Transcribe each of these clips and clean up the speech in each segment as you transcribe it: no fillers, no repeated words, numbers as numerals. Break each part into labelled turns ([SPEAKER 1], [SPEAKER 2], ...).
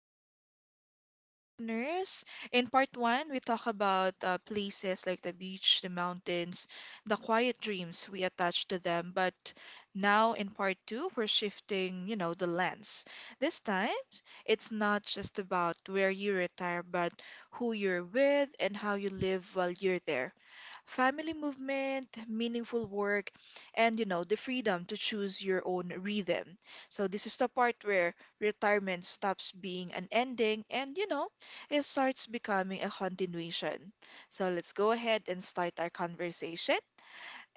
[SPEAKER 1] Welcome back to our dear listeners. In part one, we talk about places like the beach, the mountains, the quiet dreams we attach to them. But now in part two, we're shifting the lens. This time, it's not just about where you retire, but who you're with and how you live while you're there. Family movement, meaningful work, and the freedom to choose your own rhythm. So this is the part where retirement stops being an ending and it starts becoming a continuation. So let's go ahead and start our conversation.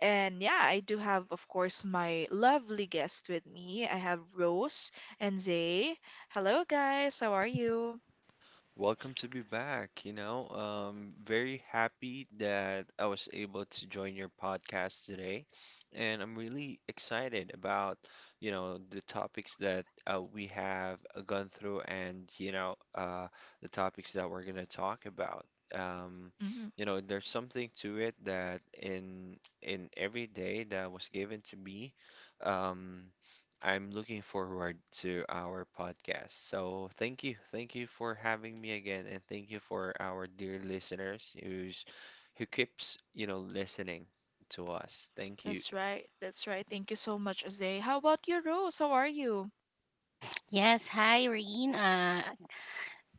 [SPEAKER 1] And yeah, I do have, of course, my lovely guest with me. I have Rose and Zay. Hello, guys. How are you?
[SPEAKER 2] Welcome to be back. You know, Very happy that I was able to join your podcast today, and I'm really excited about, the topics that we have gone through, and the topics that we're gonna talk about. Um,
[SPEAKER 1] Hmm.
[SPEAKER 2] there's something to it that in every day that was given to me. Um, I'm looking forward to our podcast. So thank you. Thank you for having me again and thank you for our dear listeners who keeps, you know, listening to us. Thank you.
[SPEAKER 1] That's right. That's right. Thank you so much, Zay. How about you, Rose? How are you?
[SPEAKER 3] Yes, hi Reen.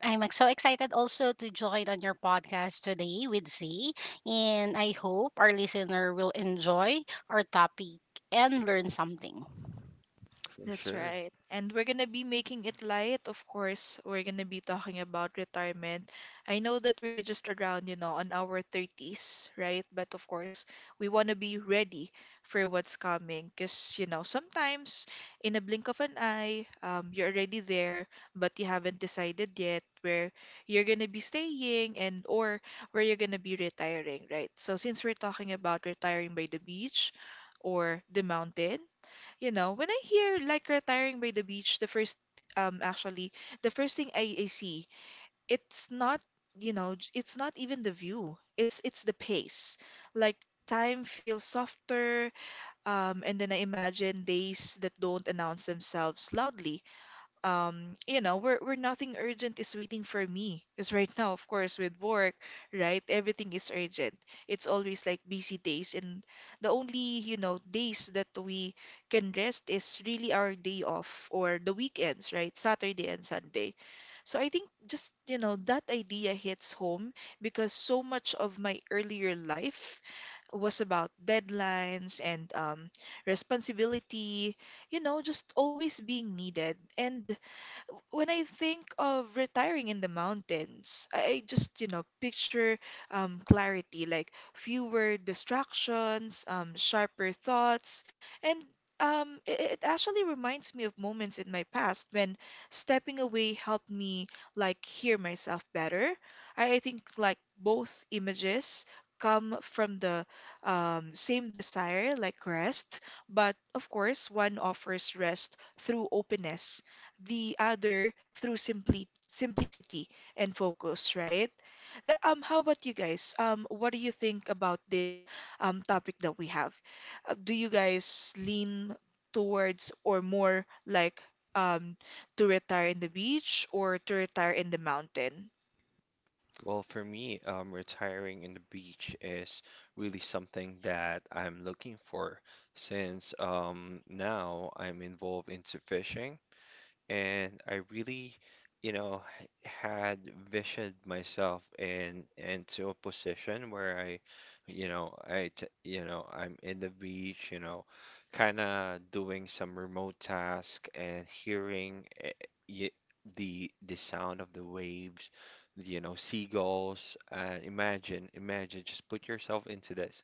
[SPEAKER 3] So excited also to join on your podcast today with Z, and I hope our listener will enjoy our topic and learn something.
[SPEAKER 2] For
[SPEAKER 1] That's
[SPEAKER 2] sure.
[SPEAKER 1] right. And we're gonna be making it light, of course. We're gonna be talking about retirement. I know that we're just around on our 30s, right? But of course, we wanna be ready for what's coming. 'Cause sometimes in a blink of an eye, you're already there, but you haven't decided yet where you're gonna be staying and or where you're gonna be retiring, right? So since we're talking about retiring by the beach, or the mountain, when I hear like retiring by the beach, um actually the first thing I see, it's not, it's not even the view. It's the pace. Like time feels softer, and then I imagine days that don't announce themselves loudly, where nothing urgent is waiting for me. Because right now, of course, with work, right, everything is urgent. It's always like busy days, and the only days that we can rest is really our day off or the weekends, right? Saturday and Sunday. So I think just that idea hits home because so much of my earlier life was about deadlines and responsibility, just always being needed. And when I think of retiring in the mountains, I just, picture clarity, like fewer distractions, sharper thoughts, and it actually reminds me of moments in my past when stepping away helped me like hear myself better. I think like both images come from the same desire, like rest, but of course, one offers rest through openness, the other through simply simplicity and focus, right? How about you guys? What do you think about this topic that we have? Do you guys lean towards or more like um to retire in the beach or to retire in the mountain?
[SPEAKER 2] Well, for me, retiring in the beach is really something that I'm looking for since now I'm involved into fishing and I really, had visioned myself in into a position where I, you know, I, t- you know, I'm in the beach, you know, kind of doing some remote task and hearing y- the sound of the waves, you know, seagulls. And imagine, just put yourself into this.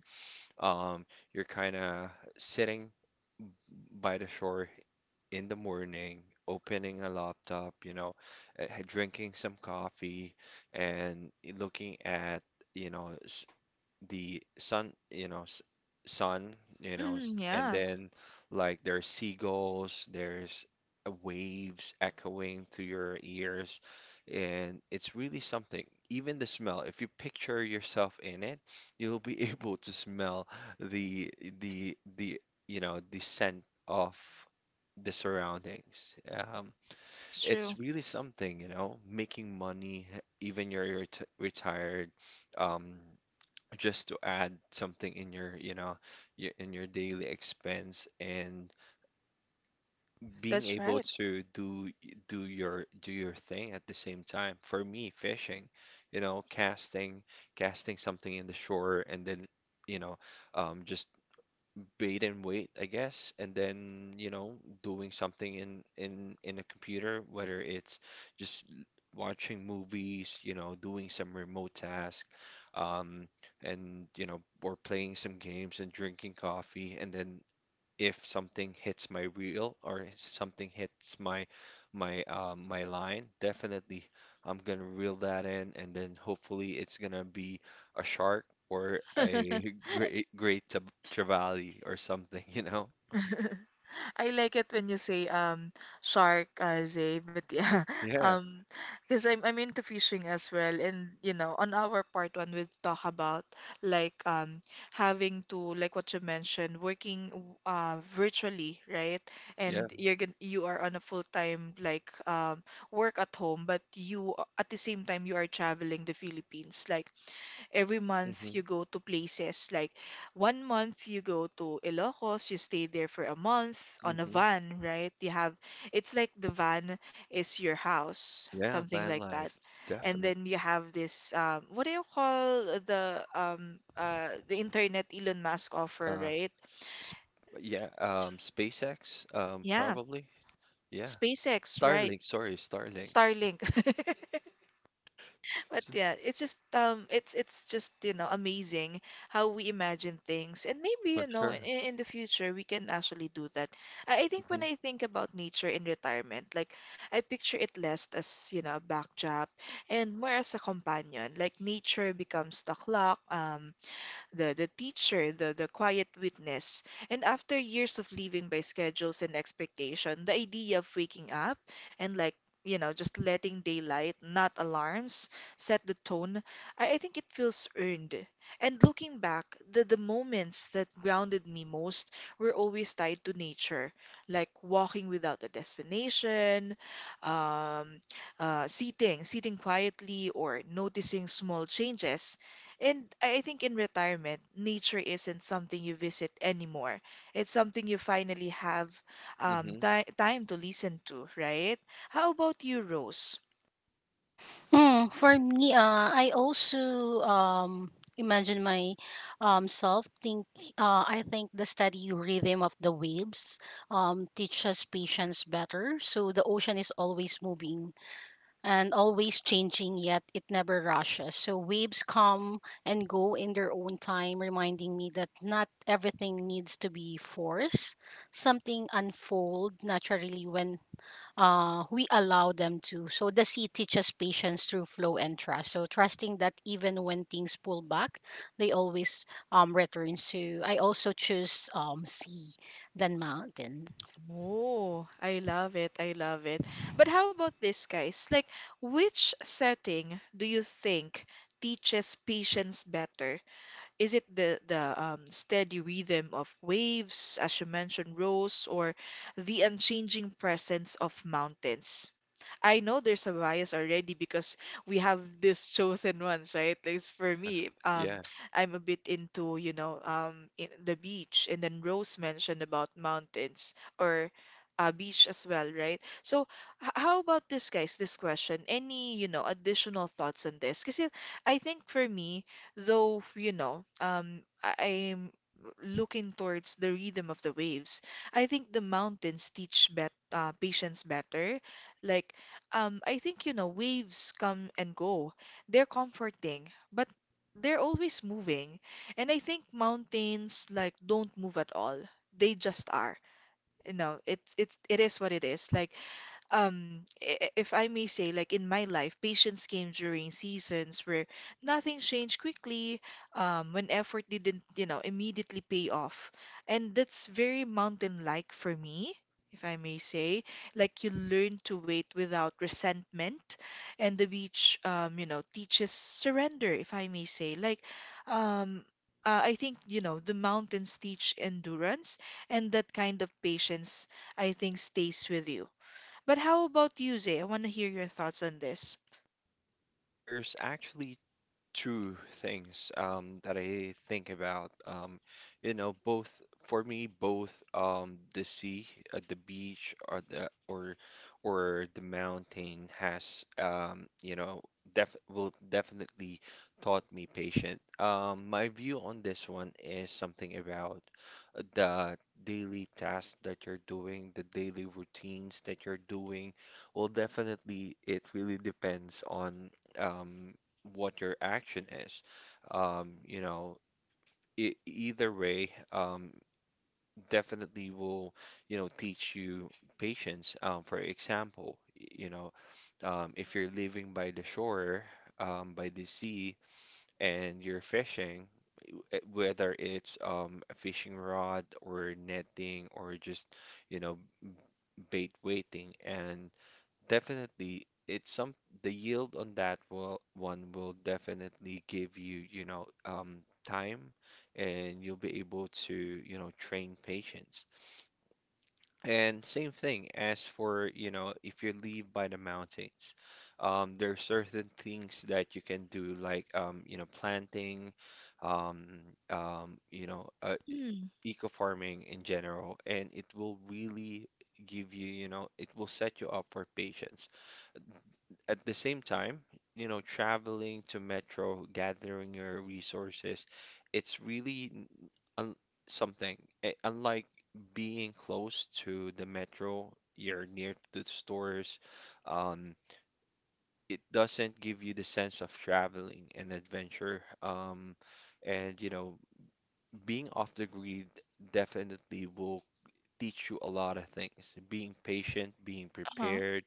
[SPEAKER 2] Um, you're kind of sitting by the shore in the morning, opening a laptop, drinking some coffee and looking at, you know, the sun, you know, s- sun,
[SPEAKER 1] Mm,
[SPEAKER 2] and
[SPEAKER 1] yeah,
[SPEAKER 2] then like there's seagulls, there's waves echoing to your ears, and it's really something. Even the smell, if you picture yourself in it, you'll be able to smell the the you know the scent of the surroundings.
[SPEAKER 1] it's true.
[SPEAKER 2] It's really something, you know, making money even you're retired. Um, just to add something in your you know your, in your daily expense and being
[SPEAKER 1] That's
[SPEAKER 2] able
[SPEAKER 1] right.
[SPEAKER 2] to do your thing at the same time. For me, fishing, you know, casting something in the shore and then you know just bait and wait, I guess, and then, you know, doing something in a computer, whether it's just l- watching movies, you know, doing some remote task, um, and you know, or playing some games and drinking coffee, and then if something hits my reel or something hits my line, definitely I'm gonna reel that in, and then hopefully it's gonna be a shark or a trevally or something, you know?
[SPEAKER 1] I like it when you say shark, Zay, but yeah,
[SPEAKER 2] Yeah,
[SPEAKER 1] um, because I'm into fishing as well, and on our part one, we talk about like having to like what you mentioned, working virtually, right? And
[SPEAKER 2] yeah.
[SPEAKER 1] you are on a full time like work at home, but at the same time you are traveling the Philippines, like every month
[SPEAKER 2] Hmm.
[SPEAKER 1] you go to places like one month you go to Ilocos, you stay there for a month on a
[SPEAKER 2] Hmm.
[SPEAKER 1] van, right? You have, it's like the van is your house,
[SPEAKER 2] Yeah,
[SPEAKER 1] something
[SPEAKER 2] van
[SPEAKER 1] like that.
[SPEAKER 2] life,
[SPEAKER 1] And
[SPEAKER 2] definitely.
[SPEAKER 1] then you have this what do you call the the internet Elon Musk offer,
[SPEAKER 2] Uh,
[SPEAKER 1] right?
[SPEAKER 2] sp Yeah, SpaceX,
[SPEAKER 1] Yeah,
[SPEAKER 2] probably. Yeah,
[SPEAKER 1] SpaceX, right?
[SPEAKER 2] Starlink. Sorry, Starlink.
[SPEAKER 1] Starlink. But
[SPEAKER 2] S-
[SPEAKER 1] yeah, it's just amazing how we imagine things. And maybe,
[SPEAKER 2] For
[SPEAKER 1] in,
[SPEAKER 2] sure.
[SPEAKER 1] in the future we can actually do that. I think when
[SPEAKER 2] Hmm.
[SPEAKER 1] I think about nature in retirement, like I picture it less as, a backdrop and more as a companion. Like nature becomes the clock, the teacher, the quiet witness. And after years of living by schedules and expectation, the idea of waking up and like, just letting daylight, not alarms, set the tone, I think it feels earned. And looking back, the moments that grounded me most were always tied to nature, like walking without a destination, um, sitting quietly, or noticing small changes. And I think in retirement, nature isn't something you visit anymore. It's something you finally have
[SPEAKER 2] Hmm.
[SPEAKER 1] ti time to listen to, right? How about you, Rose?
[SPEAKER 3] Hmm, for me, I also imagine my self think. I think the steady rhythm of the waves teaches patience better. So the ocean is always moving and always changing, yet it never rushes. So waves come and go in their own time, reminding me that not everything needs to be forced. Something unfold naturally when we allow them to. So the sea teaches patience through flow and trust. So trusting that even when things pull back, they always return. So I also choose sea than mountain.
[SPEAKER 1] Oh, I love it. I love it. But how about this, guys? Like, which setting do you think teaches patience better? Is it the steady rhythm of waves, as you mentioned, Rose, or the unchanging presence of mountains? I know there's a bias already because we have these chosen ones, right? Like it's for
[SPEAKER 2] Yeah,
[SPEAKER 1] me,
[SPEAKER 2] yeah.
[SPEAKER 1] I'm a bit in the beach, and then Rose mentioned about mountains or beach as well, right? So, how about this, guys? This question, any, additional thoughts on this? Because I think for me, though, I'm looking towards the rhythm of the waves. I think the mountains teach bet patience better. Like, I think, waves come and go. They're comforting, but they're always moving. And I think mountains, like, don't move at all. They just are. It is what it is. Like if I may say, like in my life, patience came during seasons where nothing changed quickly, when effort didn't, immediately pay off. And that's very mountain-like for me, if I may say. Like you learn to wait without resentment, and the beach, teaches surrender, if I may say. Like, um, I think, the mountains teach endurance, and that kind of patience, I think, stays with you. But how about you, Zay? I want to hear your thoughts on this.
[SPEAKER 2] There's actually two things that I think about. You know, both for me, both the sea, the beach, or the mountain has you know def will definitely taught me patient. My view on this one is something about the daily tasks that you're doing, the daily routines that you're doing. Well, definitely, it really depends on. Um, what your action is. You know, e Either way, definitely will, you know, teach you patience. For example, you know, if you're living by the shore, by the sea, and you're fishing, whether it's a fishing rod or netting or just, you know, bait waiting, and definitely, it's some the yield on that will definitely give you, you know, time and you'll be able to, you know, train patience. And same thing as for, you know, if you live by the mountains, there are certain things that you can do like, planting, um, um, you know, uh,
[SPEAKER 1] Mm.
[SPEAKER 2] eco-farming in general, and it will really give you, you know, it will set you up for patience at the same time, you know, traveling to metro, gathering your resources, it's really n- un something. Unlike being close to the metro, you're near to the stores, um, it doesn't give you the sense of traveling and adventure. And, you know, being off the grid definitely will teach you a lot of things. Being patient, being
[SPEAKER 1] Uh-huh.
[SPEAKER 2] prepared,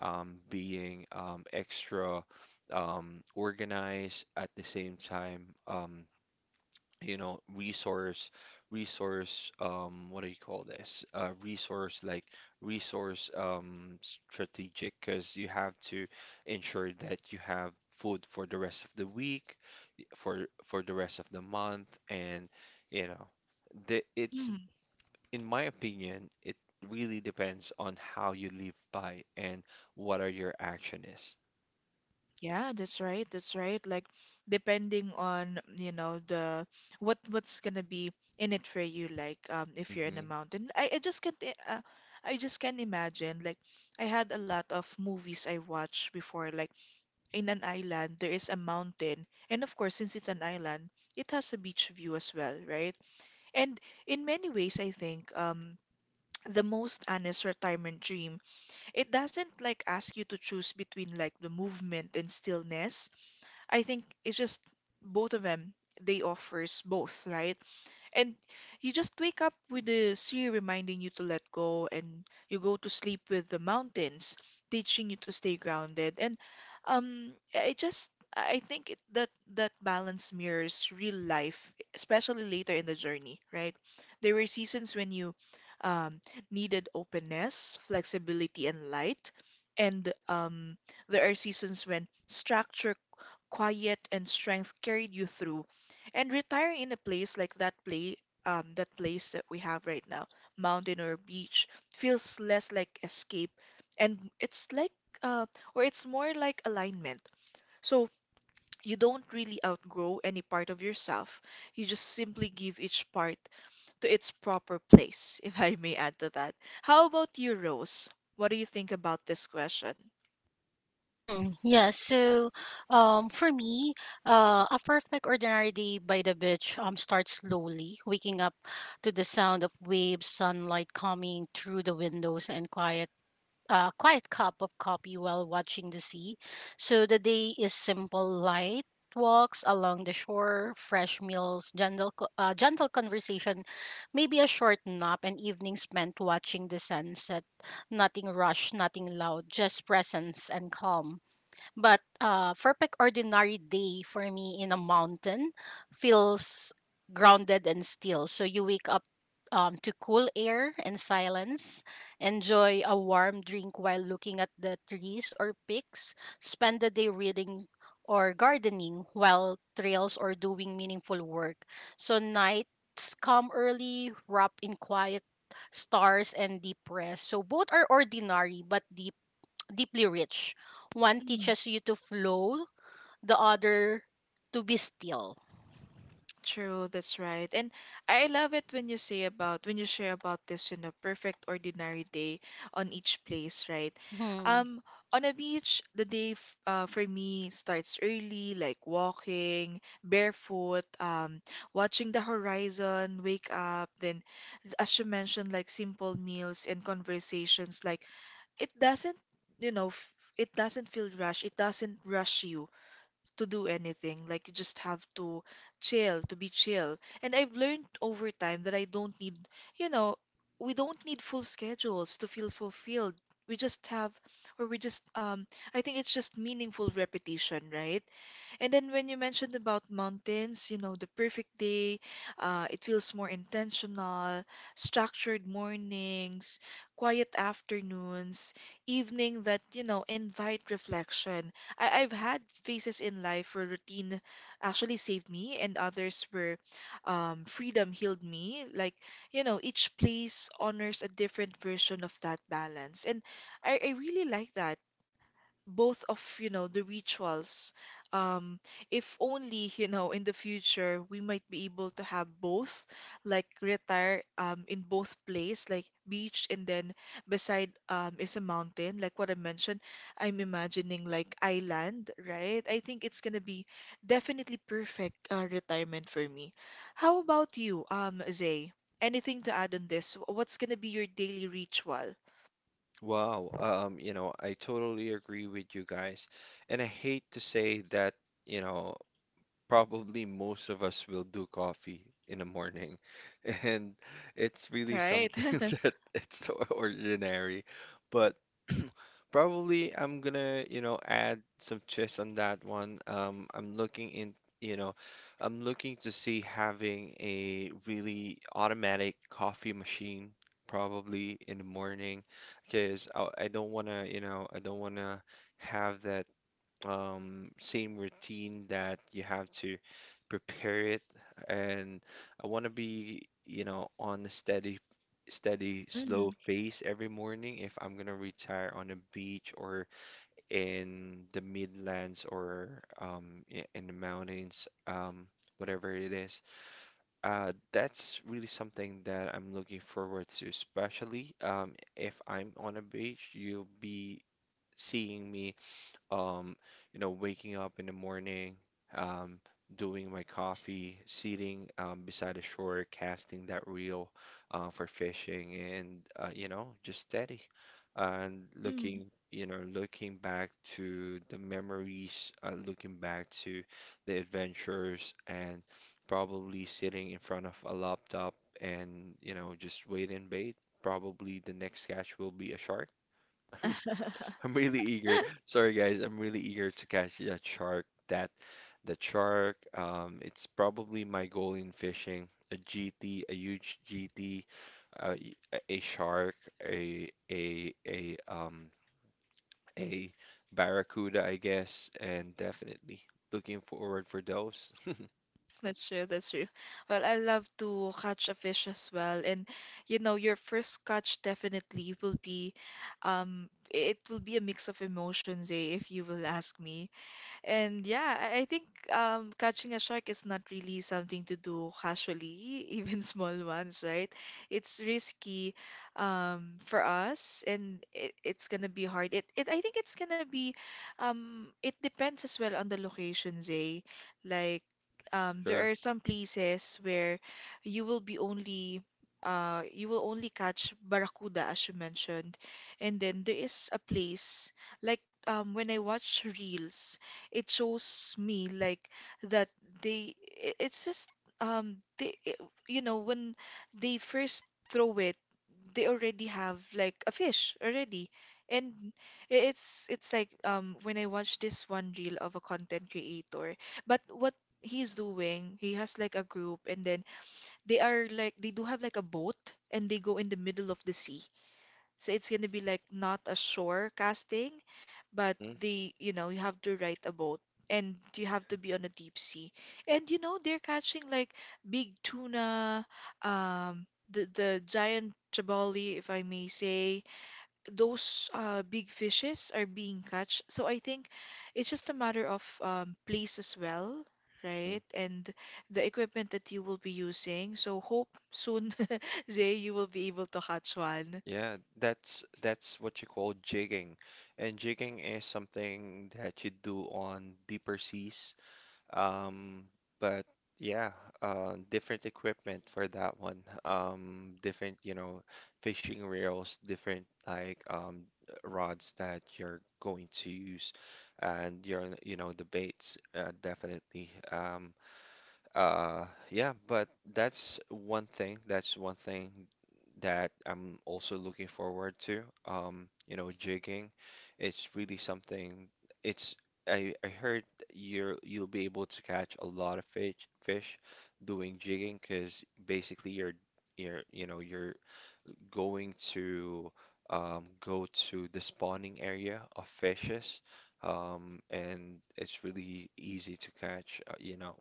[SPEAKER 2] being extra organized at the same time. You know, resource, resource. What do you call this? Resource like resource strategic, because you have to ensure that you have food for the rest of the week, for the rest of the month, and you know it's
[SPEAKER 1] Mhm.
[SPEAKER 2] in my opinion, it really depends on how you live by and what are your action is.
[SPEAKER 1] Yeah, that's right. That's right. Like depending on, you know, the what what's gonna be in it for you, like if you're in a
[SPEAKER 2] Hmm.
[SPEAKER 1] mountain. I just can't imagine. Like I had a lot of movies I watched before, like in an island there is a mountain, and of course since it's an island, it has a beach view as well, right? And in many ways I think the most honest retirement dream. It doesn't like ask you to choose between like the movement and stillness. I think it's just both of them, they offers both, right? And you just wake up with the sea reminding you to let go, and you go to sleep with the mountains teaching you to stay grounded. And I just I think it, that that balance mirrors real life, especially later in the journey, right? There were seasons when you um, needed openness, flexibility, and light, and there are seasons when structure, quiet, and strength carried you through. And retiring in a place like that place that we have right now, mountain or beach, feels less like escape, and it's like, uh, or it's more like alignment. So you don't really outgrow any part of yourself. You just simply give each part to its proper place, if I may add to that. How about you, Rose? What do you think about this question?
[SPEAKER 3] Mm, yeah, so for me, a perfect ordinary day by the beach starts slowly, waking up to the sound of waves, sunlight coming through the windows, and quiet. Quiet cup of coffee while watching the sea. So the day is simple, light walks along the shore, fresh meals, gentle conversation, maybe a short nap, and evening spent watching the sunset. Nothing rushed, nothing loud, just presence and calm. But perfect ordinary day for me in a mountain feels grounded and still. So you wake up to cool air and silence, enjoy a warm drink while looking at the trees or peaks. Spend the day reading or gardening while trails or doing meaningful work. So nights come early, wrap in quiet stars and deep rest. So both are ordinary but deeply rich. One teaches you to flow, the other to be still.
[SPEAKER 1] True, that's right. And I love it when you share about this, perfect ordinary day on each place, right?
[SPEAKER 3] Hmm.
[SPEAKER 1] Um, on a beach, the day f for me starts early, like walking, barefoot, watching the horizon, wake up, then as you mentioned, like simple meals and conversations, like it doesn't, you know, f it doesn't feel rushed, it doesn't rush you to do anything. Like you just have to chill, to be chill. And I've learned over time that I don't need, you know, we don't need full schedules to feel fulfilled. We just have, or we just, I think it's just meaningful repetition, right? And then when you mentioned about mountains, the perfect day, it feels more intentional, structured mornings, quiet afternoons, evening that, invite reflection. I've had phases in life where routine actually saved me and others where freedom healed me. Like, each place honors a different version of that balance. And I really like that both of you know the rituals. um if only, you know, in the future we might be able to have both, like retire in both place, like beach and then beside is a mountain, like what I mentioned. I'm imagining like island, right? I think it's gonna be definitely perfect retirement for me. How about you, Zay? Anything to add on this? What's gonna be your daily ritual?
[SPEAKER 2] Wow. You know, I totally agree with you guys. And I hate to say that, you know, probably most of us will do coffee in the morning. And it's really
[SPEAKER 1] Right.
[SPEAKER 2] something that it's so ordinary. But probably I'm gonna, you know, add some twists on that one. I'm looking in, you know, I'm looking to see having a really automatic coffee machine probably in the morning because I don't wanna, you know, I don't wanna have that same routine that you have to prepare it. And I want to be, you know, on a steady, slow
[SPEAKER 1] Mm,
[SPEAKER 2] pace every morning if I'm gonna retire on a beach or in the Midlands or in the mountains, whatever it is. That's really something that I'm looking forward to, especially if I'm on a beach, you'll be seeing me um, you know, waking up in the morning, um, doing my coffee, sitting beside the shore, casting that reel for fishing, and you know, just steady and
[SPEAKER 1] mm.
[SPEAKER 2] looking, you know, looking back to the memories, looking back to the adventures, and probably sitting in front of a laptop and you know, just wait and bait. Probably the next catch will be a shark. I'm really eager. Sorry, guys. I'm really eager to catch that shark. That shark. It's probably my goal in fishing. A GT, a huge GT, a shark, a a a um a barracuda, I guess, and definitely looking forward for those.
[SPEAKER 1] That's true, that's true. Well, I love to catch a fish as well. And you know, your first catch definitely will be it will be a mix of emotions, eh, if you will ask me. And yeah, I think catching a shark is not really something to do casually, even small ones, right? It's risky, for us, and it's gonna be hard. It I think it's gonna be, it depends as well on the locations, eh? Like
[SPEAKER 2] For
[SPEAKER 1] there
[SPEAKER 2] sure.
[SPEAKER 1] are some places where you will be only you will only catch barracuda, as you mentioned, and then there is a place like, when I watch reels, it shows me like that they it's just um they i- you know, when they first throw it, they already have like a fish already. And it's like, when I watch this one reel of a content creator, but what he's doing, he has like a group, and then they are like they do have like a boat, and they go in the middle of the sea, so it's gonna be like not a shore casting, but
[SPEAKER 2] Mm-hmm.
[SPEAKER 1] the you know, you have to ride a boat and you have
[SPEAKER 2] Yeah.
[SPEAKER 1] to be on a deep sea. And you know, they're catching like big tuna, the giant trevally, if I may say. Those big fishes are being catch. So I think it's just a matter of place as well.
[SPEAKER 2] Mm-hmm.
[SPEAKER 1] Right, and the equipment that you will be using. So hope soon, Zay, you will be able to catch one.
[SPEAKER 2] Yeah, that's what you call jigging. And jigging is something that you do on deeper seas. Um, but yeah, different equipment for that one. Different, you know, fishing reels, different rods that you're going to use, and your, you know, the baits, definitely. Yeah, but that's one thing. That I'm also looking forward to. You know, jigging. It's really something. It's I heard you're you'll be able to catch a lot of fish doing jigging because basically you're you know you're going to go to the spawning area of fishes. And it's really easy to catch. Uh, you know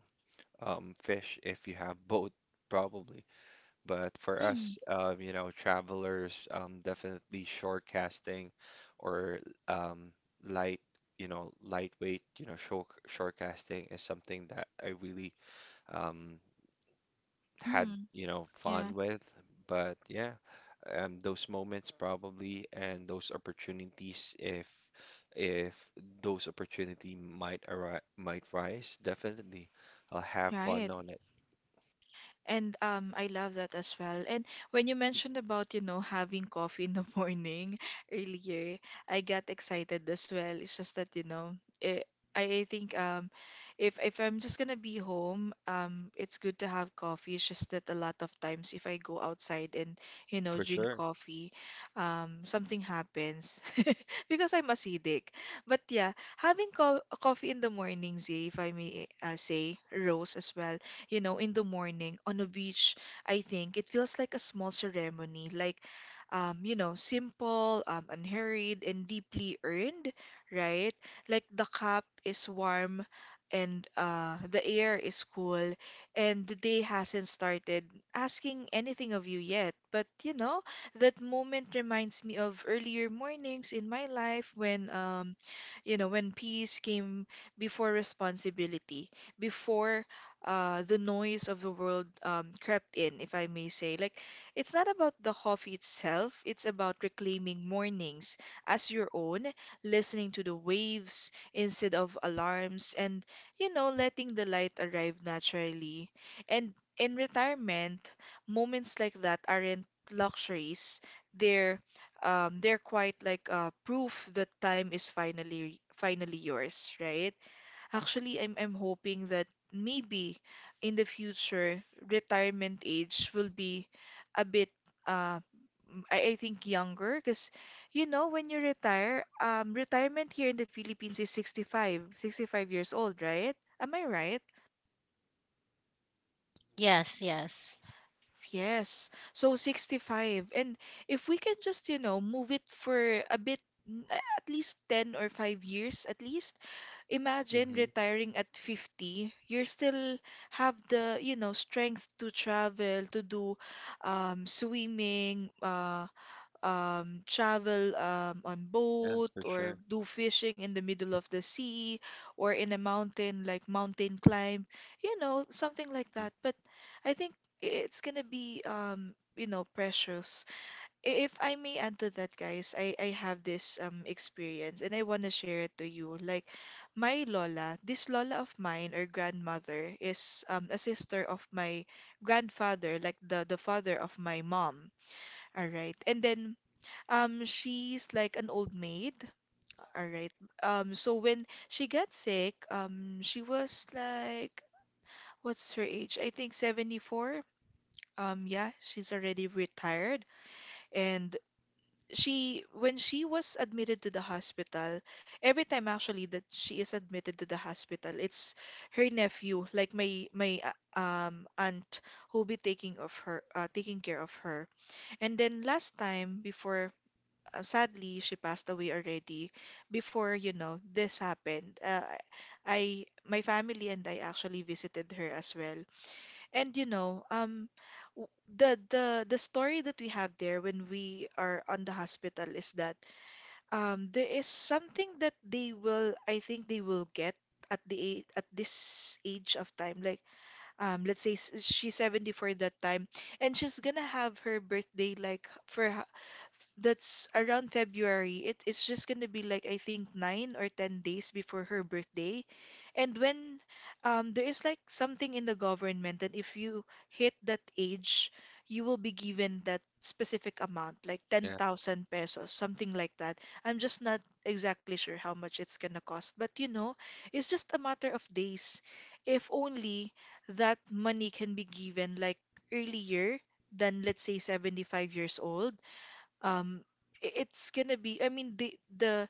[SPEAKER 2] um, Fish if you have boat, probably. But for us, you know, travelers, definitely shore casting or um, light, you know, lightweight, you know, shore casting is something that I really um, had,
[SPEAKER 1] Mm,
[SPEAKER 2] you know,
[SPEAKER 1] yeah,
[SPEAKER 2] fun with. But yeah, those moments probably and those opportunities if those opportunity might arise might rise, definitely I'll have fun
[SPEAKER 1] right.
[SPEAKER 2] on it.
[SPEAKER 1] And I love that as well. And when you mentioned about, you know, having coffee in the morning earlier, I got excited as well. It's just that, you know, it, I think, if I'm just gonna be home, it's good to have coffee. It's just that a lot of times if I go outside and, you know,
[SPEAKER 2] For
[SPEAKER 1] drink
[SPEAKER 2] sure.
[SPEAKER 1] coffee, something happens because I'm acidic. But yeah, having co coffee in the morning, Zay, if I may say, Rose as well, you know, in the morning on a beach, I think it feels like a small ceremony, like, you know, simple, unhurried, and deeply earned, right? Like the cup is warm and, the air is cool, and the day hasn't started asking anything of you yet. But, you know, that moment reminds me of earlier mornings in my life when, you know, when peace came before responsibility, before, the noise of the world, crept in, if I may say. Like, it's not about the coffee itself, it's about reclaiming mornings as your own, listening to the waves instead of alarms, and, you know, letting the light arrive naturally. And in retirement, moments like that aren't luxuries. They're they're quite like, proof that time is finally yours, right? Actually, I'm hoping that maybe in the future retirement age will be a bit, uh I think, younger, because you know when you retire, retirement here in the Philippines is 65, 65 years old, right? Am I right?
[SPEAKER 3] Yes, yes.
[SPEAKER 1] Yes. So 65. And if we can just, you know, move it for a bit, at least 10 or 5 years at least, imagine
[SPEAKER 2] Mm-hmm.
[SPEAKER 1] retiring at 50. You're still have the, you know, strength to travel, to do swimming, travel on
[SPEAKER 2] Yeah,
[SPEAKER 1] boat,
[SPEAKER 2] for
[SPEAKER 1] or
[SPEAKER 2] sure.
[SPEAKER 1] do fishing in the middle of the sea or in a mountain, like mountain climb, you know, something like
[SPEAKER 2] Mm-hmm.
[SPEAKER 1] that. But I think it's gonna be, you know, precious. If I may add to that, guys, I have this, experience, and I want to share it to you. Like, my lola, this lola of mine, or grandmother, is, a sister of my grandfather, like the father of my mom. All right. And then, she's like an old maid, all right. So when she got sick, she was like, what's her age? I think 74. Yeah, she's already retired. And she, when she was admitted to the hospital, every time actually that she is admitted to the hospital, it's her nephew, like my aunt, who'll be taking care of her. And then last time before, sadly she passed away already, before, you know, this happened, I my family and I actually visited her as well. And you know, w- the story that we have there when we are on the hospital is that, there is something that they will, I think they will get at the, at this age of time, like, let's say, she's 74 that time, and she's gonna have her birthday like, for that's around February. It's just gonna be like, I think, 9 or 10 days before her birthday. And when, there is like something in the government that if you hit that age, you will be given that specific amount, like ten
[SPEAKER 2] Yeah,
[SPEAKER 1] thousand pesos, something like that. I'm just not exactly sure how much it's gonna cost. But you know, it's just a matter of days. If only that money can be given like earlier than, let's say, 75 years old, um it's gonna be, I mean, the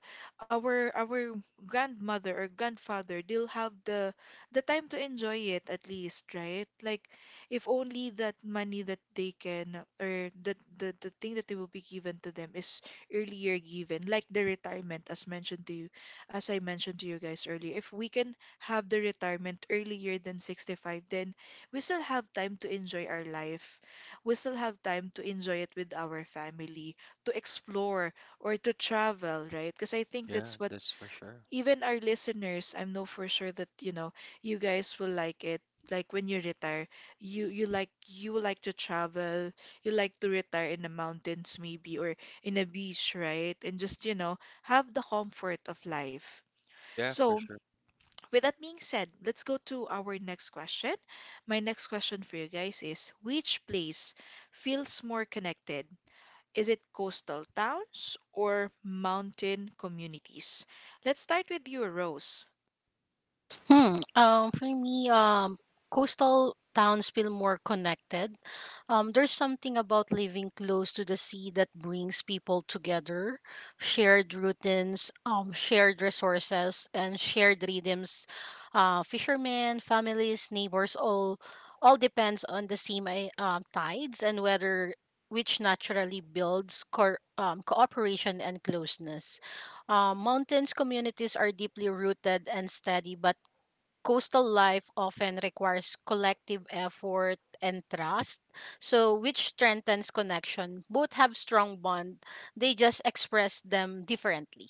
[SPEAKER 1] our grandmother or grandfather, they'll have the time to enjoy it at least, right? Like, if only that money that they can, or that the thing that they will be given to them is earlier given, like the retirement, as I mentioned to you guys earlier, if we can have the retirement earlier than 65, then we still have time to enjoy our life, we still have time to enjoy it with our family, to explore or to travel, right? Because I think
[SPEAKER 2] yeah,
[SPEAKER 1] that's what
[SPEAKER 2] that's for sure.
[SPEAKER 1] even our listeners, I know for sure that, you know, you guys will like it. Like when you retire, you like to travel, you like to retire in the mountains maybe, or in a beach, right? And just, you know, have the comfort of life.
[SPEAKER 2] Yeah, for
[SPEAKER 1] So,
[SPEAKER 2] sure.
[SPEAKER 1] with that being said, let's go to our next question. My next question for you guys is, which place feels more connected, is it coastal towns or mountain communities? Let's start with you, Rose.
[SPEAKER 3] Hmm. For me, coastal towns feel more connected. There's something about living close to the sea that brings people together. Shared routines, shared resources, and shared rhythms. Fishermen, families, neighbors, all depends on the same tides and weather, which naturally builds cooperation and closeness. Mountains communities are deeply rooted and steady, but coastal life often requires collective effort and trust, so which strengthens connection. Both have strong bond, they just express them differently.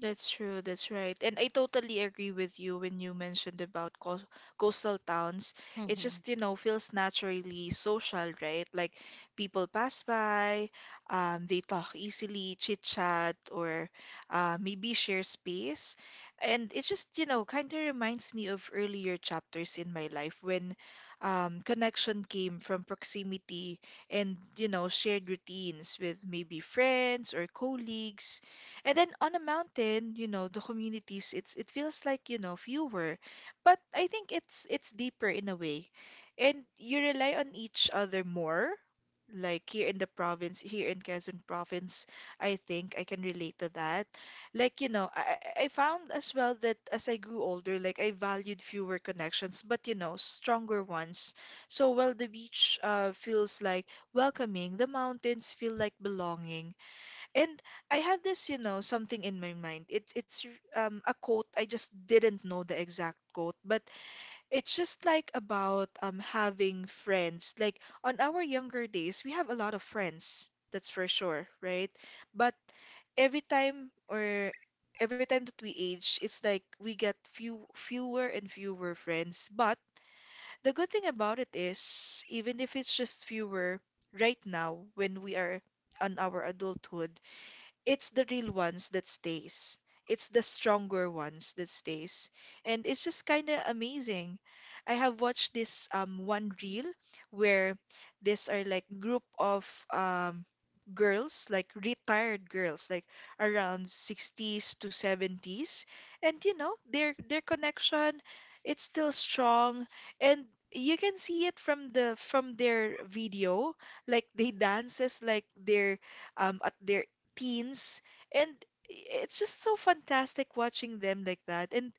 [SPEAKER 1] That's true, that's right. And I totally agree with you when you mentioned about co coastal towns. It
[SPEAKER 3] Mhm.
[SPEAKER 1] just, you know, feels naturally social, right? Like people pass by, they talk easily, chit chat, or, maybe share space. And it just, you know, kind of reminds me of earlier chapters in my life when, connection came from proximity and, you know, shared routines with maybe friends or colleagues. And then on a mountain, you know, the communities, it feels like, you know, fewer. But I think it's deeper in a way. And you rely on each other more. Like here in the province, here in Quezon province, I think I can relate to that. Like, you know, I found as well that as I grew older, like I valued fewer connections, but you know, stronger ones. So while the beach, feels like welcoming, the mountains feel like belonging. And I have this, you know, something in my mind. It's a quote. I just didn't know the exact quote, but it's just like about, having friends. Like on our younger days, we have a lot of friends. That's for sure, right? But every time or every time that we age, it's like we get fewer and fewer friends. But the good thing about it is, even if it's just fewer right now when we are on our adulthood, it's the real ones that stays. It's the stronger ones that stays. And it's just kind of amazing. I have watched this, one reel where these are like group of, um girls, like retired girls, like around 60s to 70s. And you know, their connection, it's still strong, and you can see it from the from their video, like they dances like they're, at their teens, and it's just so fantastic watching them like that. And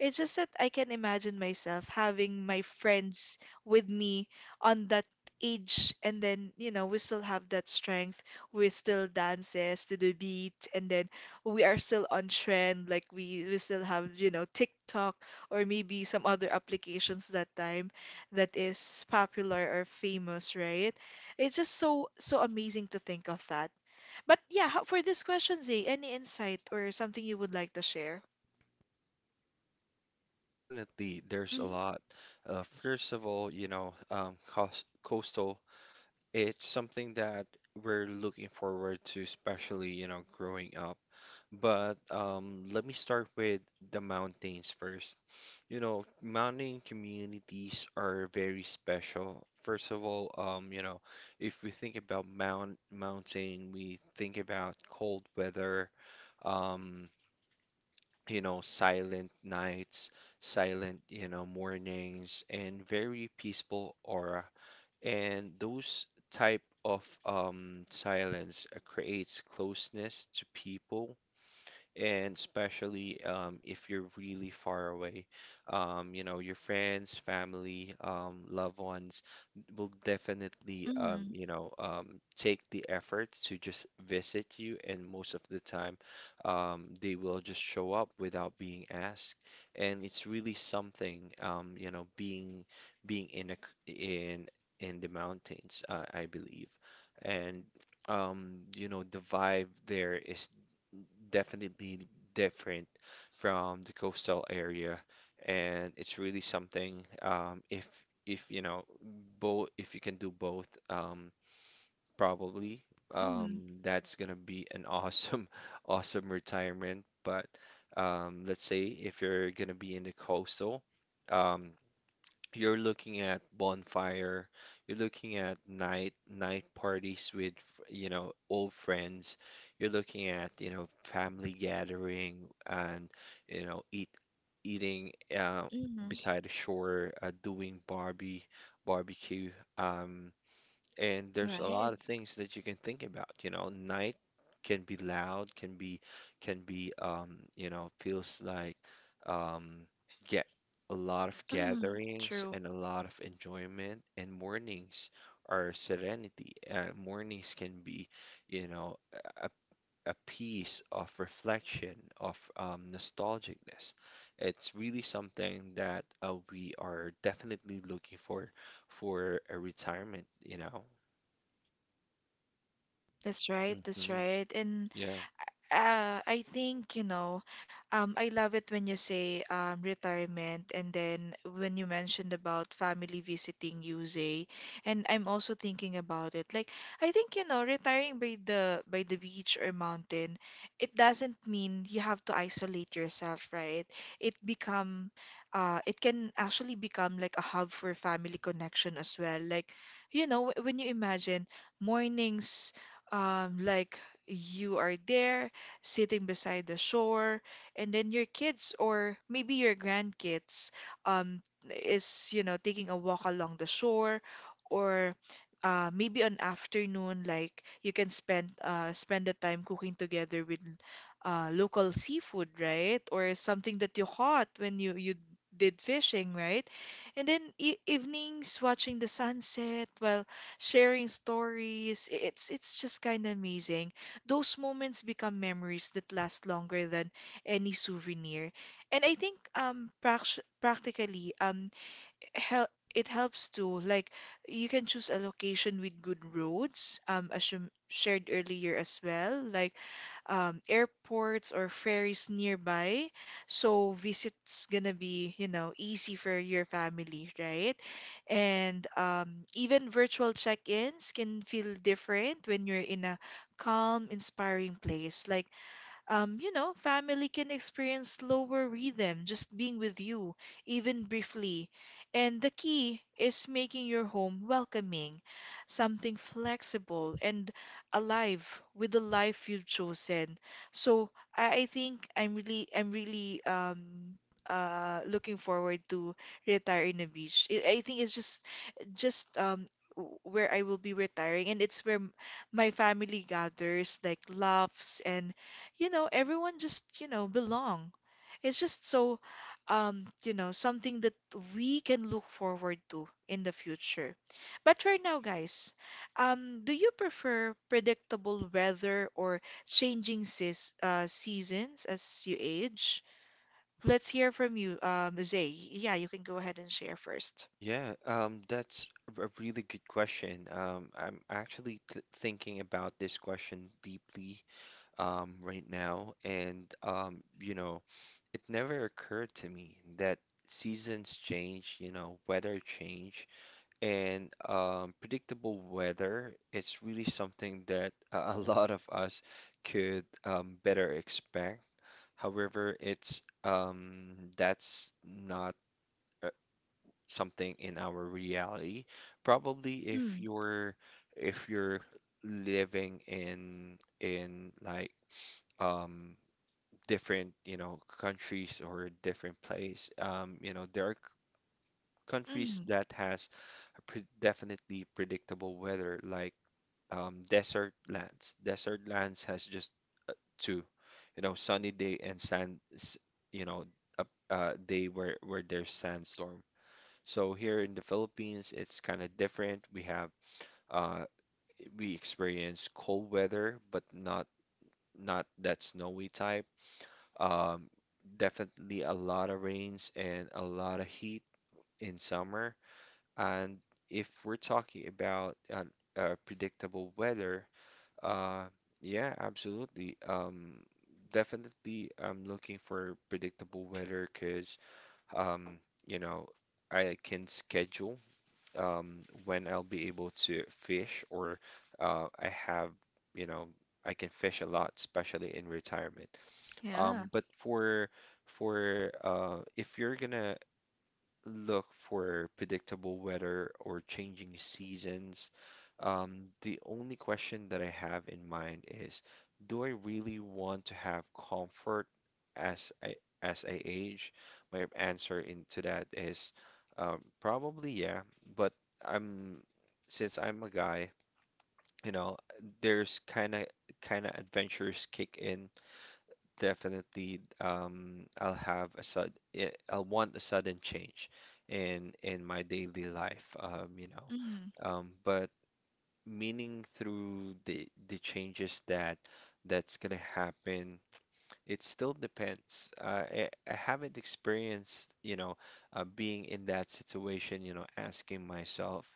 [SPEAKER 1] it's just that I can imagine myself having my friends with me on that age, and then, you know, we still have that strength. We still dances to the beat, and then we are still on trend. Like we still have, you know, TikTok or maybe some other applications that time that is popular or famous, right? It's just so amazing to think of that. But yeah, how, for this question, Zay, any insight or something you would like to share?
[SPEAKER 2] Definitely, there's a lot. First of all, coastal. It's something that we're looking forward to, especially, you know, growing up. But let me start with the mountains first. You know, mountain communities are very special. First of all, you know, if we think about mountain, we think about cold weather, um, you know, silent nights, silent, you know, mornings, and very peaceful aura. And those type of silence creates closeness to people and especially if you're really far away. You know, your friends, family, loved ones will definitely,
[SPEAKER 1] Hmm.
[SPEAKER 2] take the effort to just visit you, and most of the time, they will just show up without being asked, and it's really something, you know, being being in a, c- in in the mountains, I believe, and you know, the vibe there is definitely different from the coastal area, and it's really something. If you know both, if you can do both, probably
[SPEAKER 1] Mm,
[SPEAKER 2] that's gonna be an awesome, awesome retirement. But let's say if you're gonna be in the coastal. Um, you're looking at bonfire, you're looking at night parties with, you know, old friends. You're looking at, you know, family gathering and, you know, eating
[SPEAKER 1] mm,
[SPEAKER 2] beside the shore, doing barbie barbecue. Um, and there's a
[SPEAKER 1] right.
[SPEAKER 2] lot of things that you can think about. You know, night can be loud, can be you know, feels like um get a lot of
[SPEAKER 1] Mm,
[SPEAKER 2] gatherings
[SPEAKER 1] true.
[SPEAKER 2] and a lot of enjoyment, and mornings are serenity. Mornings can be, you know, a, a piece of reflection, of nostalgicness. It's really something that we are definitely looking for a retirement, you know
[SPEAKER 1] That's right. That's
[SPEAKER 2] hmm
[SPEAKER 1] right. And
[SPEAKER 2] Yeah.
[SPEAKER 1] Uh, I think, you know, I love it when you say retirement, and then when you mentioned about family visiting Yusei, and I'm also thinking about it. Like, I think, you know, retiring by the beach or mountain, it doesn't mean you have to isolate yourself, right? It become it can actually become like a hub for family connection as well. Like, you know, when you imagine mornings, like you are there sitting beside the shore, and then your kids or maybe your grandkids um, is, you know, taking a walk along the shore or maybe an afternoon like you can spend spend the time cooking together with local seafood, right? Or something that you caught when you did fishing, right? And then e evenings watching the sunset while sharing stories. It's just kind of amazing. Those moments become memories that last longer than any souvenir. And I think prac- practically hel it helps too. Like you can choose a location with good roads, as you shared earlier as well, like airports or ferries nearby. So visits gonna be, you know, easy for your family, right? And even virtual check-ins can feel different when you're in a calm, inspiring place. Like you know, family can experience lower rhythm just being with you, even briefly. And the key is making your home welcoming, something flexible and alive with the life you've chosen. So I think I'm really, I'm really looking forward to retire in a beach. I think it's just, just where I will be retiring, and it's where my family gathers, like laughs and everyone just, belong. It's just so, something that we can look forward to in the future. But right now, guys, do you prefer predictable weather or changing seasons as you age? Let's hear from you, Zay. Yeah, you can go ahead and share first.
[SPEAKER 2] Yeah, that's a really good question. I'm actually th thinking about this question deeply right now, and it never occurred to me that seasons change, you know, weather change, and predictable weather, it's really something that a lot of us could better expect. However, it's that's not. Something in our reality. Probably
[SPEAKER 1] Mm,
[SPEAKER 2] if you're living in like um different, you know, countries or different place, you know, there are countries
[SPEAKER 1] mm,
[SPEAKER 2] that has a pre definitely predictable weather like desert lands. Desert lands has just uh, two, you know, sunny day and sand, you know, a, a day where there's sandstorm. So here in the Philippines, it's kind of different. We have uh, we experience cold weather, but not that snowy type. Um, definitely a lot of rains and a lot of heat in summer. And if we're talking about predictable weather, uh, yeah, absolutely. Definitely, I'm looking for predictable weather because um, you know I can schedule. Um, when I'll be able to fish or I have, you know, I can fish a lot, especially in retirement.
[SPEAKER 1] yeah.
[SPEAKER 2] But for if you're gonna look for predictable weather or changing seasons. The only question that I have in mind is, do I really want to have comfort as I as I age? My answer into that is probably yeah, but I'm since I'm a guy, you know, there's kind of adventures kick in. Definitely I'll have a I'll want a sudden change in my daily life, but meaning through the changes that that's gonna happen, it still depends. I haven't experienced, you know, being in that situation, you know, asking myself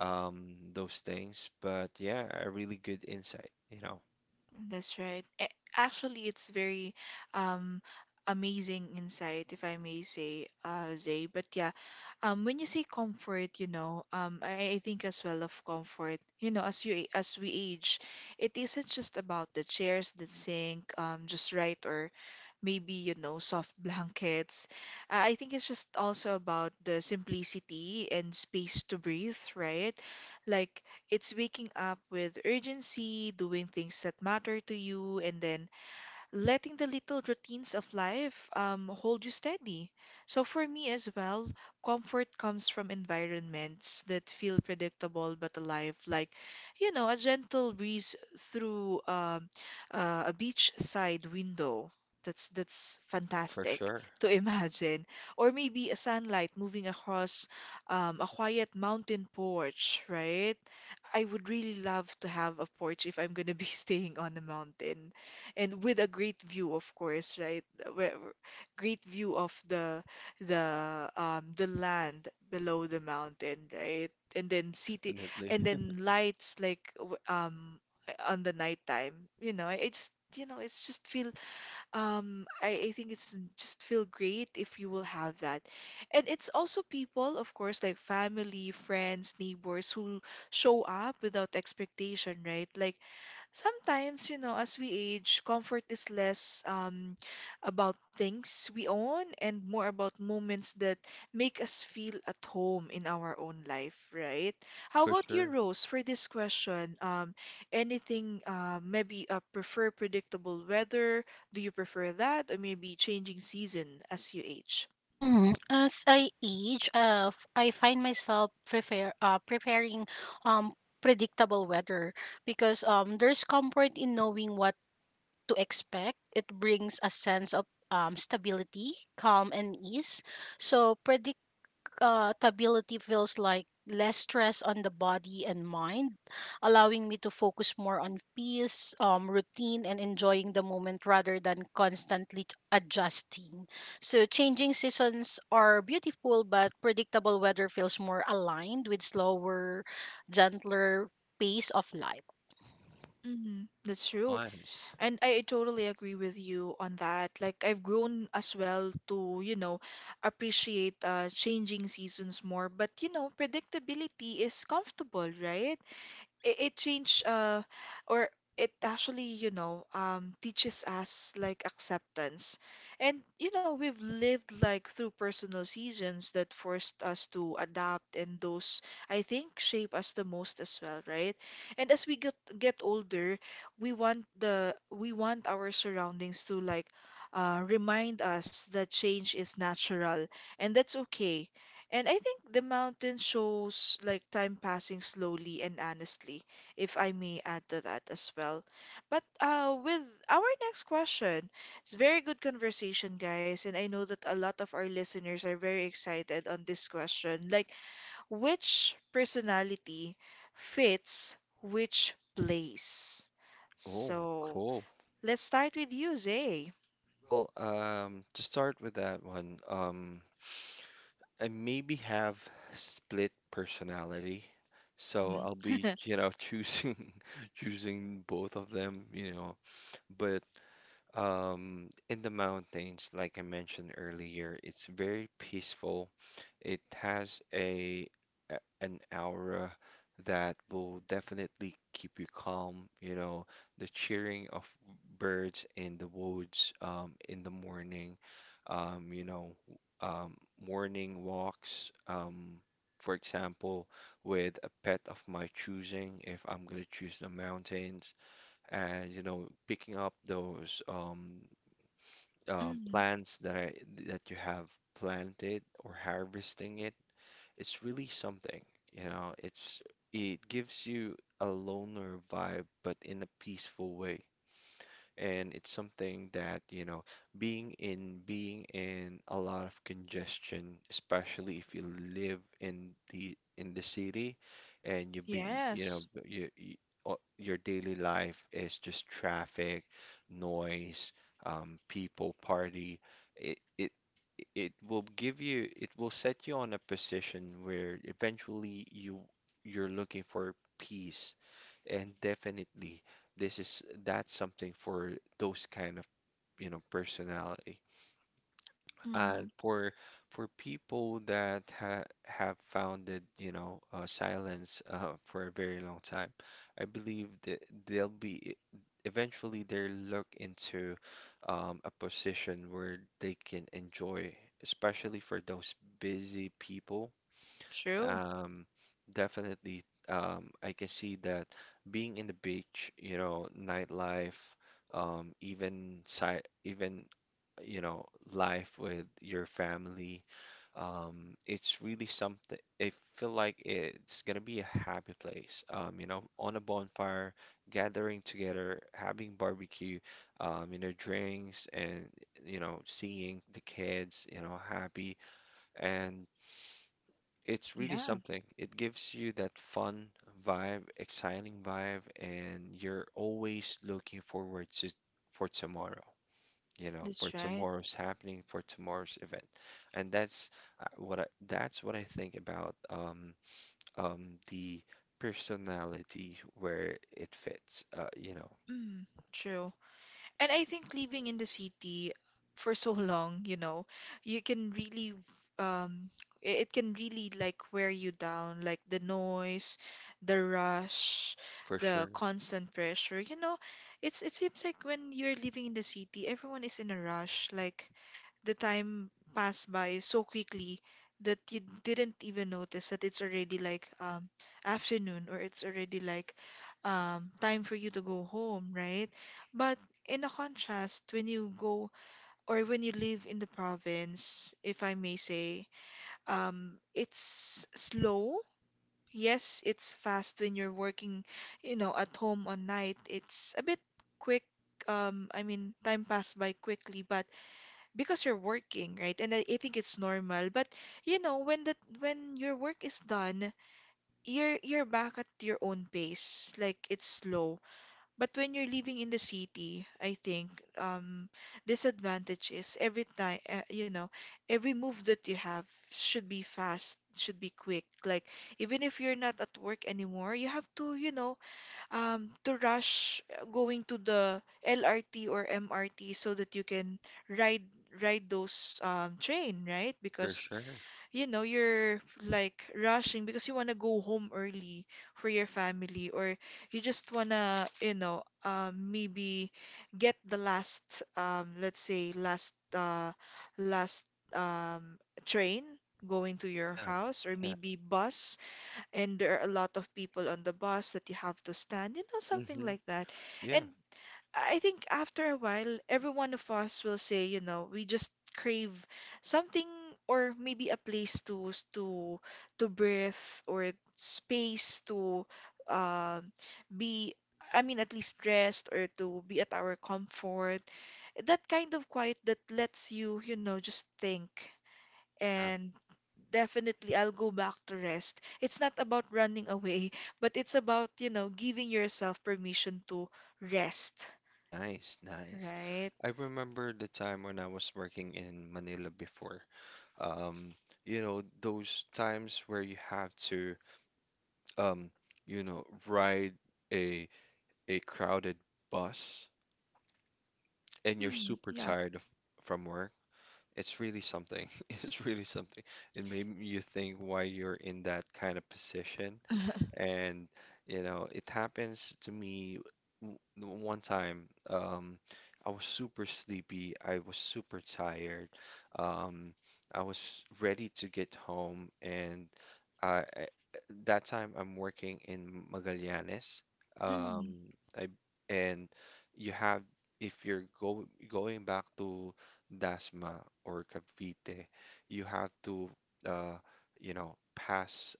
[SPEAKER 2] those things. But yeah, a really good insight, you know.
[SPEAKER 1] That's right. Actually, it's very um, amazing insight, if I may say, Zay. But yeah, when you say comfort, you know, I think as well of comfort. You know, as we age, it isn't just about the chairs that sink, just right, or maybe you know, soft blankets. I think it's just also about the simplicity and space to breathe, right? Like it's waking up with urgency, doing things that matter to you, and then letting the little routines of life hold you steady. So, for me as well, comfort comes from environments that feel predictable but alive, like, you know, a gentle breeze through a beachside window. That's
[SPEAKER 2] For
[SPEAKER 1] fantastic
[SPEAKER 2] sure.
[SPEAKER 1] to imagine, or maybe a sunlight moving across a quiet mountain porch, right? I would really love to have a porch if I'm gonna be staying on a mountain, and with a great view, of course, right? Where, great view of the the land below the mountain, right? And then city,
[SPEAKER 2] Definitely.
[SPEAKER 1] and then lights like on the nighttime. You know, I just you know, it's just feel I think it's just feel great if you will have that. And it's also people, of course, like family, friends, neighbors who show up without expectation, right? Like sometimes, you know, as we age, comfort is less about things we own and more about moments that make us feel at home in our own life, right? How
[SPEAKER 2] For
[SPEAKER 1] about you,
[SPEAKER 2] sure.
[SPEAKER 1] Rose, for this question? Anything, maybe prefer predictable weather? Do you prefer that? Or maybe changing season as you age?
[SPEAKER 3] Mm, as I age, I find myself prefer preparing um predictable weather because there's comfort in knowing what to expect. It brings a sense of stability, calm, and ease. So stability feels like less stress on the body and mind, allowing me to focus more on peace, routine, and enjoying the moment rather than constantly adjusting. So, changing seasons are beautiful, but predictable weather feels more aligned with slower, gentler pace of life.
[SPEAKER 1] Mm, that's true.
[SPEAKER 2] Nice.
[SPEAKER 1] And I totally agree with you on that. Like, I've grown as well to, you know, appreciate changing seasons more. But, you know, predictability is comfortable, right? It changed, or it actually you know teaches us like acceptance, and you know we've lived like through personal seasons that forced us to adapt, and those I think shape us the most as well, right? And as we get older, we want our surroundings to like remind us that change is natural, and that's okay. And I think the mountain shows like time passing slowly and honestly, if I may add to that as well. But with our next question, it's very good conversation, guys, and I know that a lot of our listeners are very excited on this question. Like, which personality fits which place?
[SPEAKER 2] Oh,
[SPEAKER 1] So
[SPEAKER 2] cool.
[SPEAKER 1] let's start with you, Zay.
[SPEAKER 2] Well, to start with that one, I maybe have split personality, so
[SPEAKER 1] Mhm.
[SPEAKER 2] I'll be, you know, choosing choosing both of them, you know. But um, in the mountains, like I mentioned earlier, it's very peaceful. It has a an aura that will definitely keep you calm. You know, the cheering of birds in the woods, in the morning, um, you know, um, morning walks, for example, with a pet of my choosing, if I'm gonna choose the mountains. And you know, picking up those
[SPEAKER 1] Mhm.
[SPEAKER 2] plants that I that you have planted or harvesting it, it's really something, you know. It's it gives you a loner vibe, but in a peaceful way. And it's something that, you know, being in a lot of congestion, especially if you live in the city, and you've been, you know,
[SPEAKER 1] Yes.
[SPEAKER 2] o- your daily life is just traffic, noise, people, party, it, it it will give you, it will set you on a position where eventually you're looking for peace. And definitely, this is that's something for those kind of, you know, personality.
[SPEAKER 1] Mhm.
[SPEAKER 2] And for people that ha have founded, you know, silence for a very long time, I believe that they'll be eventually they'll look into a position where they can enjoy, especially for those busy people.
[SPEAKER 1] True.
[SPEAKER 2] Um, definitely, I can see that being in the beach, you know, nightlife, even si even you know, life with your family, it's really something. I feel like it's gonna be a happy place. You know, on a bonfire, gathering together, having barbecue, you know, drinks, and you know, seeing the kids, you know, happy. And it's really
[SPEAKER 1] Yeah.
[SPEAKER 2] something. It gives you that fun vibe, exciting vibe, and you're always looking forward to for tomorrow, you know, for
[SPEAKER 1] That's right.
[SPEAKER 2] tomorrow's happening, for tomorrow's event. And that's what I that's what I think about the personality where it fits, you know.
[SPEAKER 1] Mm, true. And I think living in the city for so long, you know, you can really um it can really like wear you down, like the noise, the rush,
[SPEAKER 2] For
[SPEAKER 1] the
[SPEAKER 2] sure,
[SPEAKER 1] constant pressure. You know, it's it seems like when you're living in the city, everyone is in a rush, like the time passed by so quickly that you didn't even notice that it's already like afternoon, or it's already like time for you to go home, right? But in a contrast, when you go or when you live in the province, if I may say, it's slow. Yes, it's fast when you're working, you know, at home on night. It's a bit quick. I mean, time pass by quickly, but because you're working, right? And I think it's normal. But you know, when your work is done, you're back at your own pace. Like it's slow. But when you're living in the city, I think um, disadvantage is every time, you know, every move that you have should be fast, should be quick. Like even if you're not at work anymore, you have to, you know, to rush going to the LRT or MRT so that you can ride ride those train, right?
[SPEAKER 2] for
[SPEAKER 1] Because
[SPEAKER 2] sure.
[SPEAKER 1] you know, you're like rushing because you want to go home early for your family, or you just want to, you know, maybe get the last, let's say, last, um, train going to your
[SPEAKER 2] Yeah.
[SPEAKER 1] house, or
[SPEAKER 2] Yeah.
[SPEAKER 1] maybe bus, and there are a lot of people on the bus that you have to stand, you know, something
[SPEAKER 2] Hmm.
[SPEAKER 1] like that. And
[SPEAKER 2] Yeah.
[SPEAKER 1] I think after a while, every one of us will say, you know, we just crave something, or maybe a place to to breathe, or space to um be, I mean, at least rest or to be at our comfort. That kind of quiet that lets you, you know, just think,
[SPEAKER 2] Yeah.
[SPEAKER 1] and definitely I'll go back to rest. It's not about running away, but it's about, you know, giving yourself permission to rest,
[SPEAKER 2] Nice, nice.
[SPEAKER 1] right?
[SPEAKER 2] I remember the time when I was working in Manila before. Um, you know, those times where you have to, um, you know, ride a a crowded bus and you're
[SPEAKER 1] Mm,
[SPEAKER 2] super
[SPEAKER 1] yeah.
[SPEAKER 2] tired of, from work. It's really something. It's really something. It made you think why you're in that kind of position. And you know, it happens to me one time. I was super sleepy. I was super tired. Um, I was ready to get home, and I that time I'm working in Magallanes.
[SPEAKER 1] Mm,
[SPEAKER 2] I and you have, if you're going back to Dasma or Cavite, you have to uh, you know, pass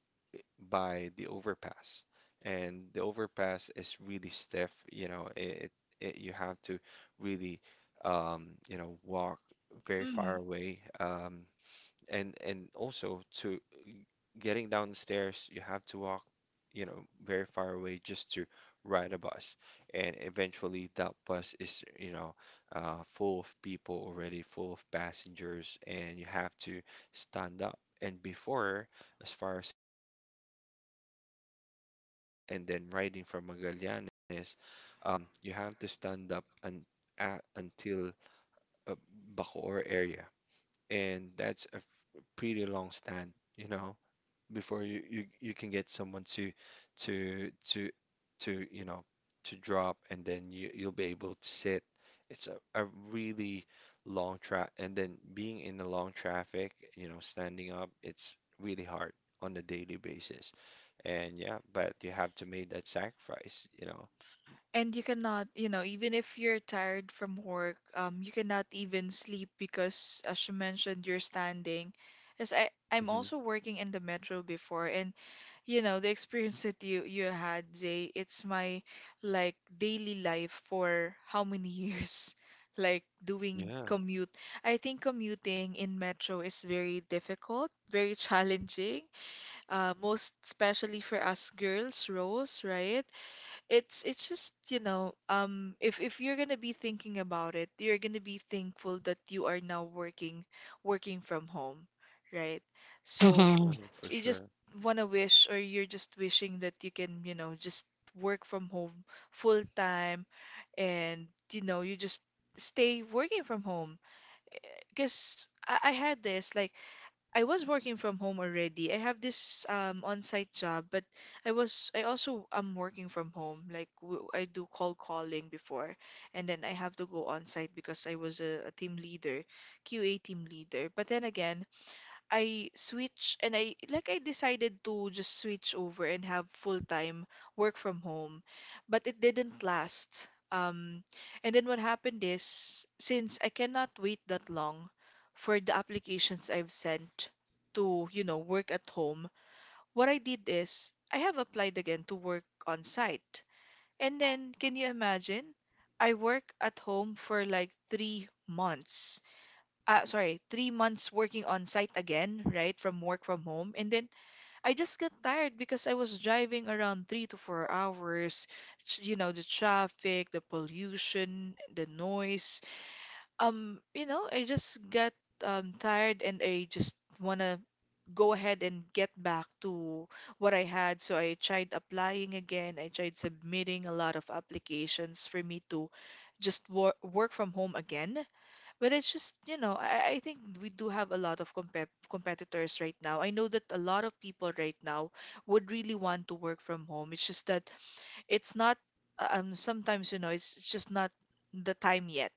[SPEAKER 2] by the overpass. And the overpass is really stiff, you know, it you have to really you know, walk very far
[SPEAKER 1] mm.
[SPEAKER 2] away. And also to getting downstairs, you have to walk, you know, very far away just to ride a bus. And eventually that bus is, you know, full of people already, full of passengers, and you have to stand up. And before, as far as I remember, standing up, you have. And then riding from Magallanes, you have to stand up and at, until uh, Bacoor area. And that's a pretty long stand, you know, before you can get someone to to to to you know, to drop, and then you'll be able to sit. It's a really long track, and then being in the long traffic, you know, standing up, it's really hard on a daily basis. And yeah, but you have to make that sacrifice, you know.
[SPEAKER 1] And you cannot, you know, even if you're tired from work, you cannot even sleep because, as you mentioned, you're standing. As I'm
[SPEAKER 2] Hmm.
[SPEAKER 1] also working in the metro before, and you know, the experience that you had, Zay, it's my like daily life for how many years, like doing
[SPEAKER 2] Yeah,
[SPEAKER 1] commute. I think commuting in metro is very difficult, very challenging, most especially for us girls, Rose, right? It's just, you know, if you're gonna be thinking about it, you're gonna be thankful that you are now working from home, right?
[SPEAKER 2] for
[SPEAKER 1] So
[SPEAKER 3] Mm-hmm.
[SPEAKER 2] sure, for
[SPEAKER 1] you just
[SPEAKER 2] sure.
[SPEAKER 1] wanna wish, or you're just wishing that you can, you know, just work from home full time, and you know, you just stay working from home. Because I had this like I was working from home already. I have this on-site job, but I was I also am working from home. Like w I do call calling before, and then I have to go on-site because I was a team leader, QA team leader. But then again, I switch, and I like I decided to just switch over and have full-time work from home, but it didn't last. And then what happened is since I cannot wait that long for the applications I've sent to, you know, work at home, what I did is I have applied again to work on site. And then can you imagine? I work at home for like 3 months 3 months working on site again, right, from work from home. And then I just got tired because I was driving around 3 to 4 hours, you know, the traffic, the pollution, the noise. You know, I just got tired, and I just wanna go ahead and get back to what I had. So I tried applying again. I tried submitting a lot of applications for me to just work from home again. But it's just, you know, I think we do have a lot of competitors right now. I know that a lot of people right now would really want to work from home. It's just that it's not, sometimes, you know, it's just not the time yet.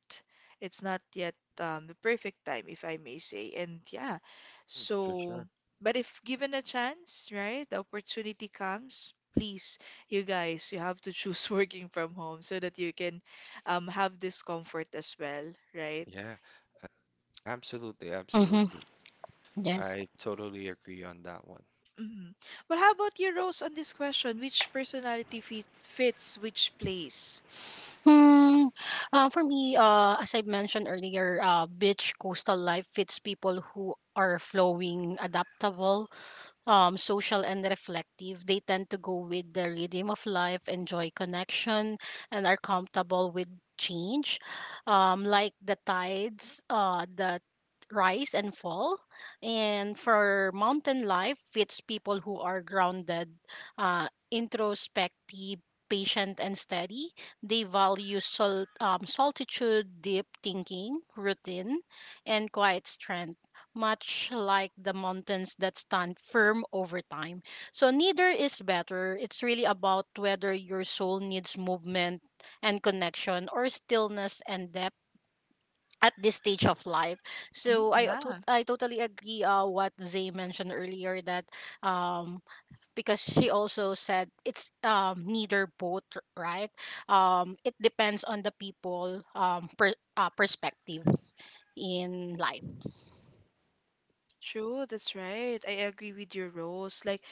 [SPEAKER 1] It's not yet, the perfect time, if I may say. And yeah,
[SPEAKER 2] Hmm, for
[SPEAKER 1] so,
[SPEAKER 2] sure.
[SPEAKER 1] but if given a chance, right, the opportunity comes, please, you guys, you have to choose working from home so that you can, have this comfort as well, right?
[SPEAKER 2] Yeah, absolutely,
[SPEAKER 3] Mm-hmm.
[SPEAKER 2] absolutely.
[SPEAKER 3] Yes.
[SPEAKER 2] I totally agree on that one.
[SPEAKER 1] Mhm. Well, how about you, Rose, on this question? Which personality fits which place?
[SPEAKER 3] Hmm. For me, as I mentioned earlier, beach coastal life fits people who are flowing, adaptable, social and reflective. They tend to go with the rhythm of life, enjoy connection, and are comfortable with change, like the tides that rise and fall. And for mountain life, it's people who are grounded, introspective. Patient and steady, they value solitude, deep thinking, routine, and quiet strength much like the mountains that stand firm over time. So, neither is better. It's really about whether your soul needs movement and connection or stillness and depth at this stage of life.
[SPEAKER 1] Mm,
[SPEAKER 3] So,
[SPEAKER 1] yeah,
[SPEAKER 3] I totally agree what Zay mentioned earlier that um, because she also said it's neither both, right? It depends on the people perspective in life.
[SPEAKER 1] True. That's right. I agree with your Rose. Like,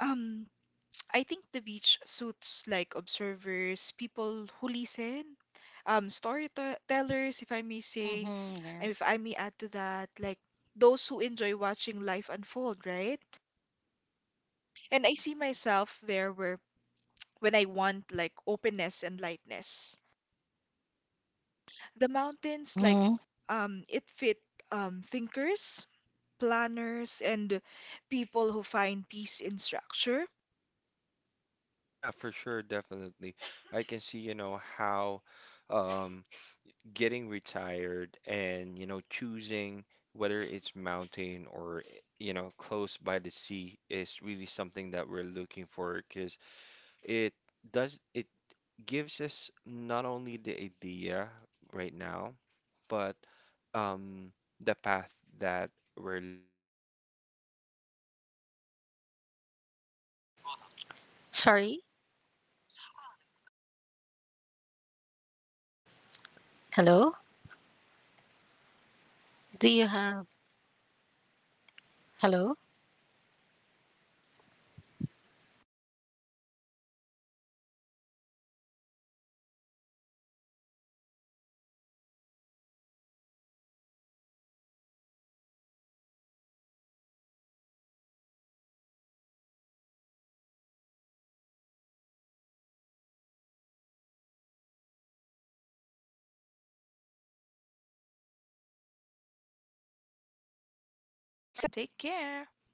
[SPEAKER 1] um, I think the beach suits like observers, people who listen, storytellers, if I may say,
[SPEAKER 3] Mm-hmm,
[SPEAKER 1] and if
[SPEAKER 3] yes.
[SPEAKER 1] I may add to that, like those who enjoy watching life unfold, right? And I see myself there where when I want like openness and lightness. The mountains, like,
[SPEAKER 3] Mm-hmm.
[SPEAKER 1] it fit thinkers, planners, and people who find peace in structure.
[SPEAKER 2] Yeah, for sure, definitely. I can see, you know, how um, getting retired and, you know, choosing whether it's mountain or, you know, close by the sea is really something that we're looking for. Because it does, it gives us not only the idea right now, but um, the path that we're looking to take. Because if you're gonna get busy right now, you're gonna be
[SPEAKER 1] Yeah,
[SPEAKER 2] in a lot of
[SPEAKER 3] Sorry?
[SPEAKER 2] noise.
[SPEAKER 1] yes,
[SPEAKER 2] Yeah,
[SPEAKER 1] Azay. Actually, sorry.
[SPEAKER 2] and
[SPEAKER 1] Well, the mountains
[SPEAKER 2] mhm.
[SPEAKER 1] actually,
[SPEAKER 3] Hello?
[SPEAKER 1] can you
[SPEAKER 2] Yeah,
[SPEAKER 1] hear me,
[SPEAKER 2] gross. Can you hear
[SPEAKER 1] Rose?
[SPEAKER 2] me?
[SPEAKER 3] Do you have.
[SPEAKER 1] Yeah,
[SPEAKER 3] Hello?
[SPEAKER 1] I'm here. And I can guys, you know, hear you. So here's what we're gonna do. We're on live, of
[SPEAKER 2] Yep.
[SPEAKER 1] course, so we're gonna hit a quick break. And yeah, you guys stay tuned in. We're gonna get back to you for more. Again, retiring by the beach versus the mountain. We'll get back to you guys. Yes, you guys will be hearing a lot from us again. Thank you so much for listening and take care. Bye bye.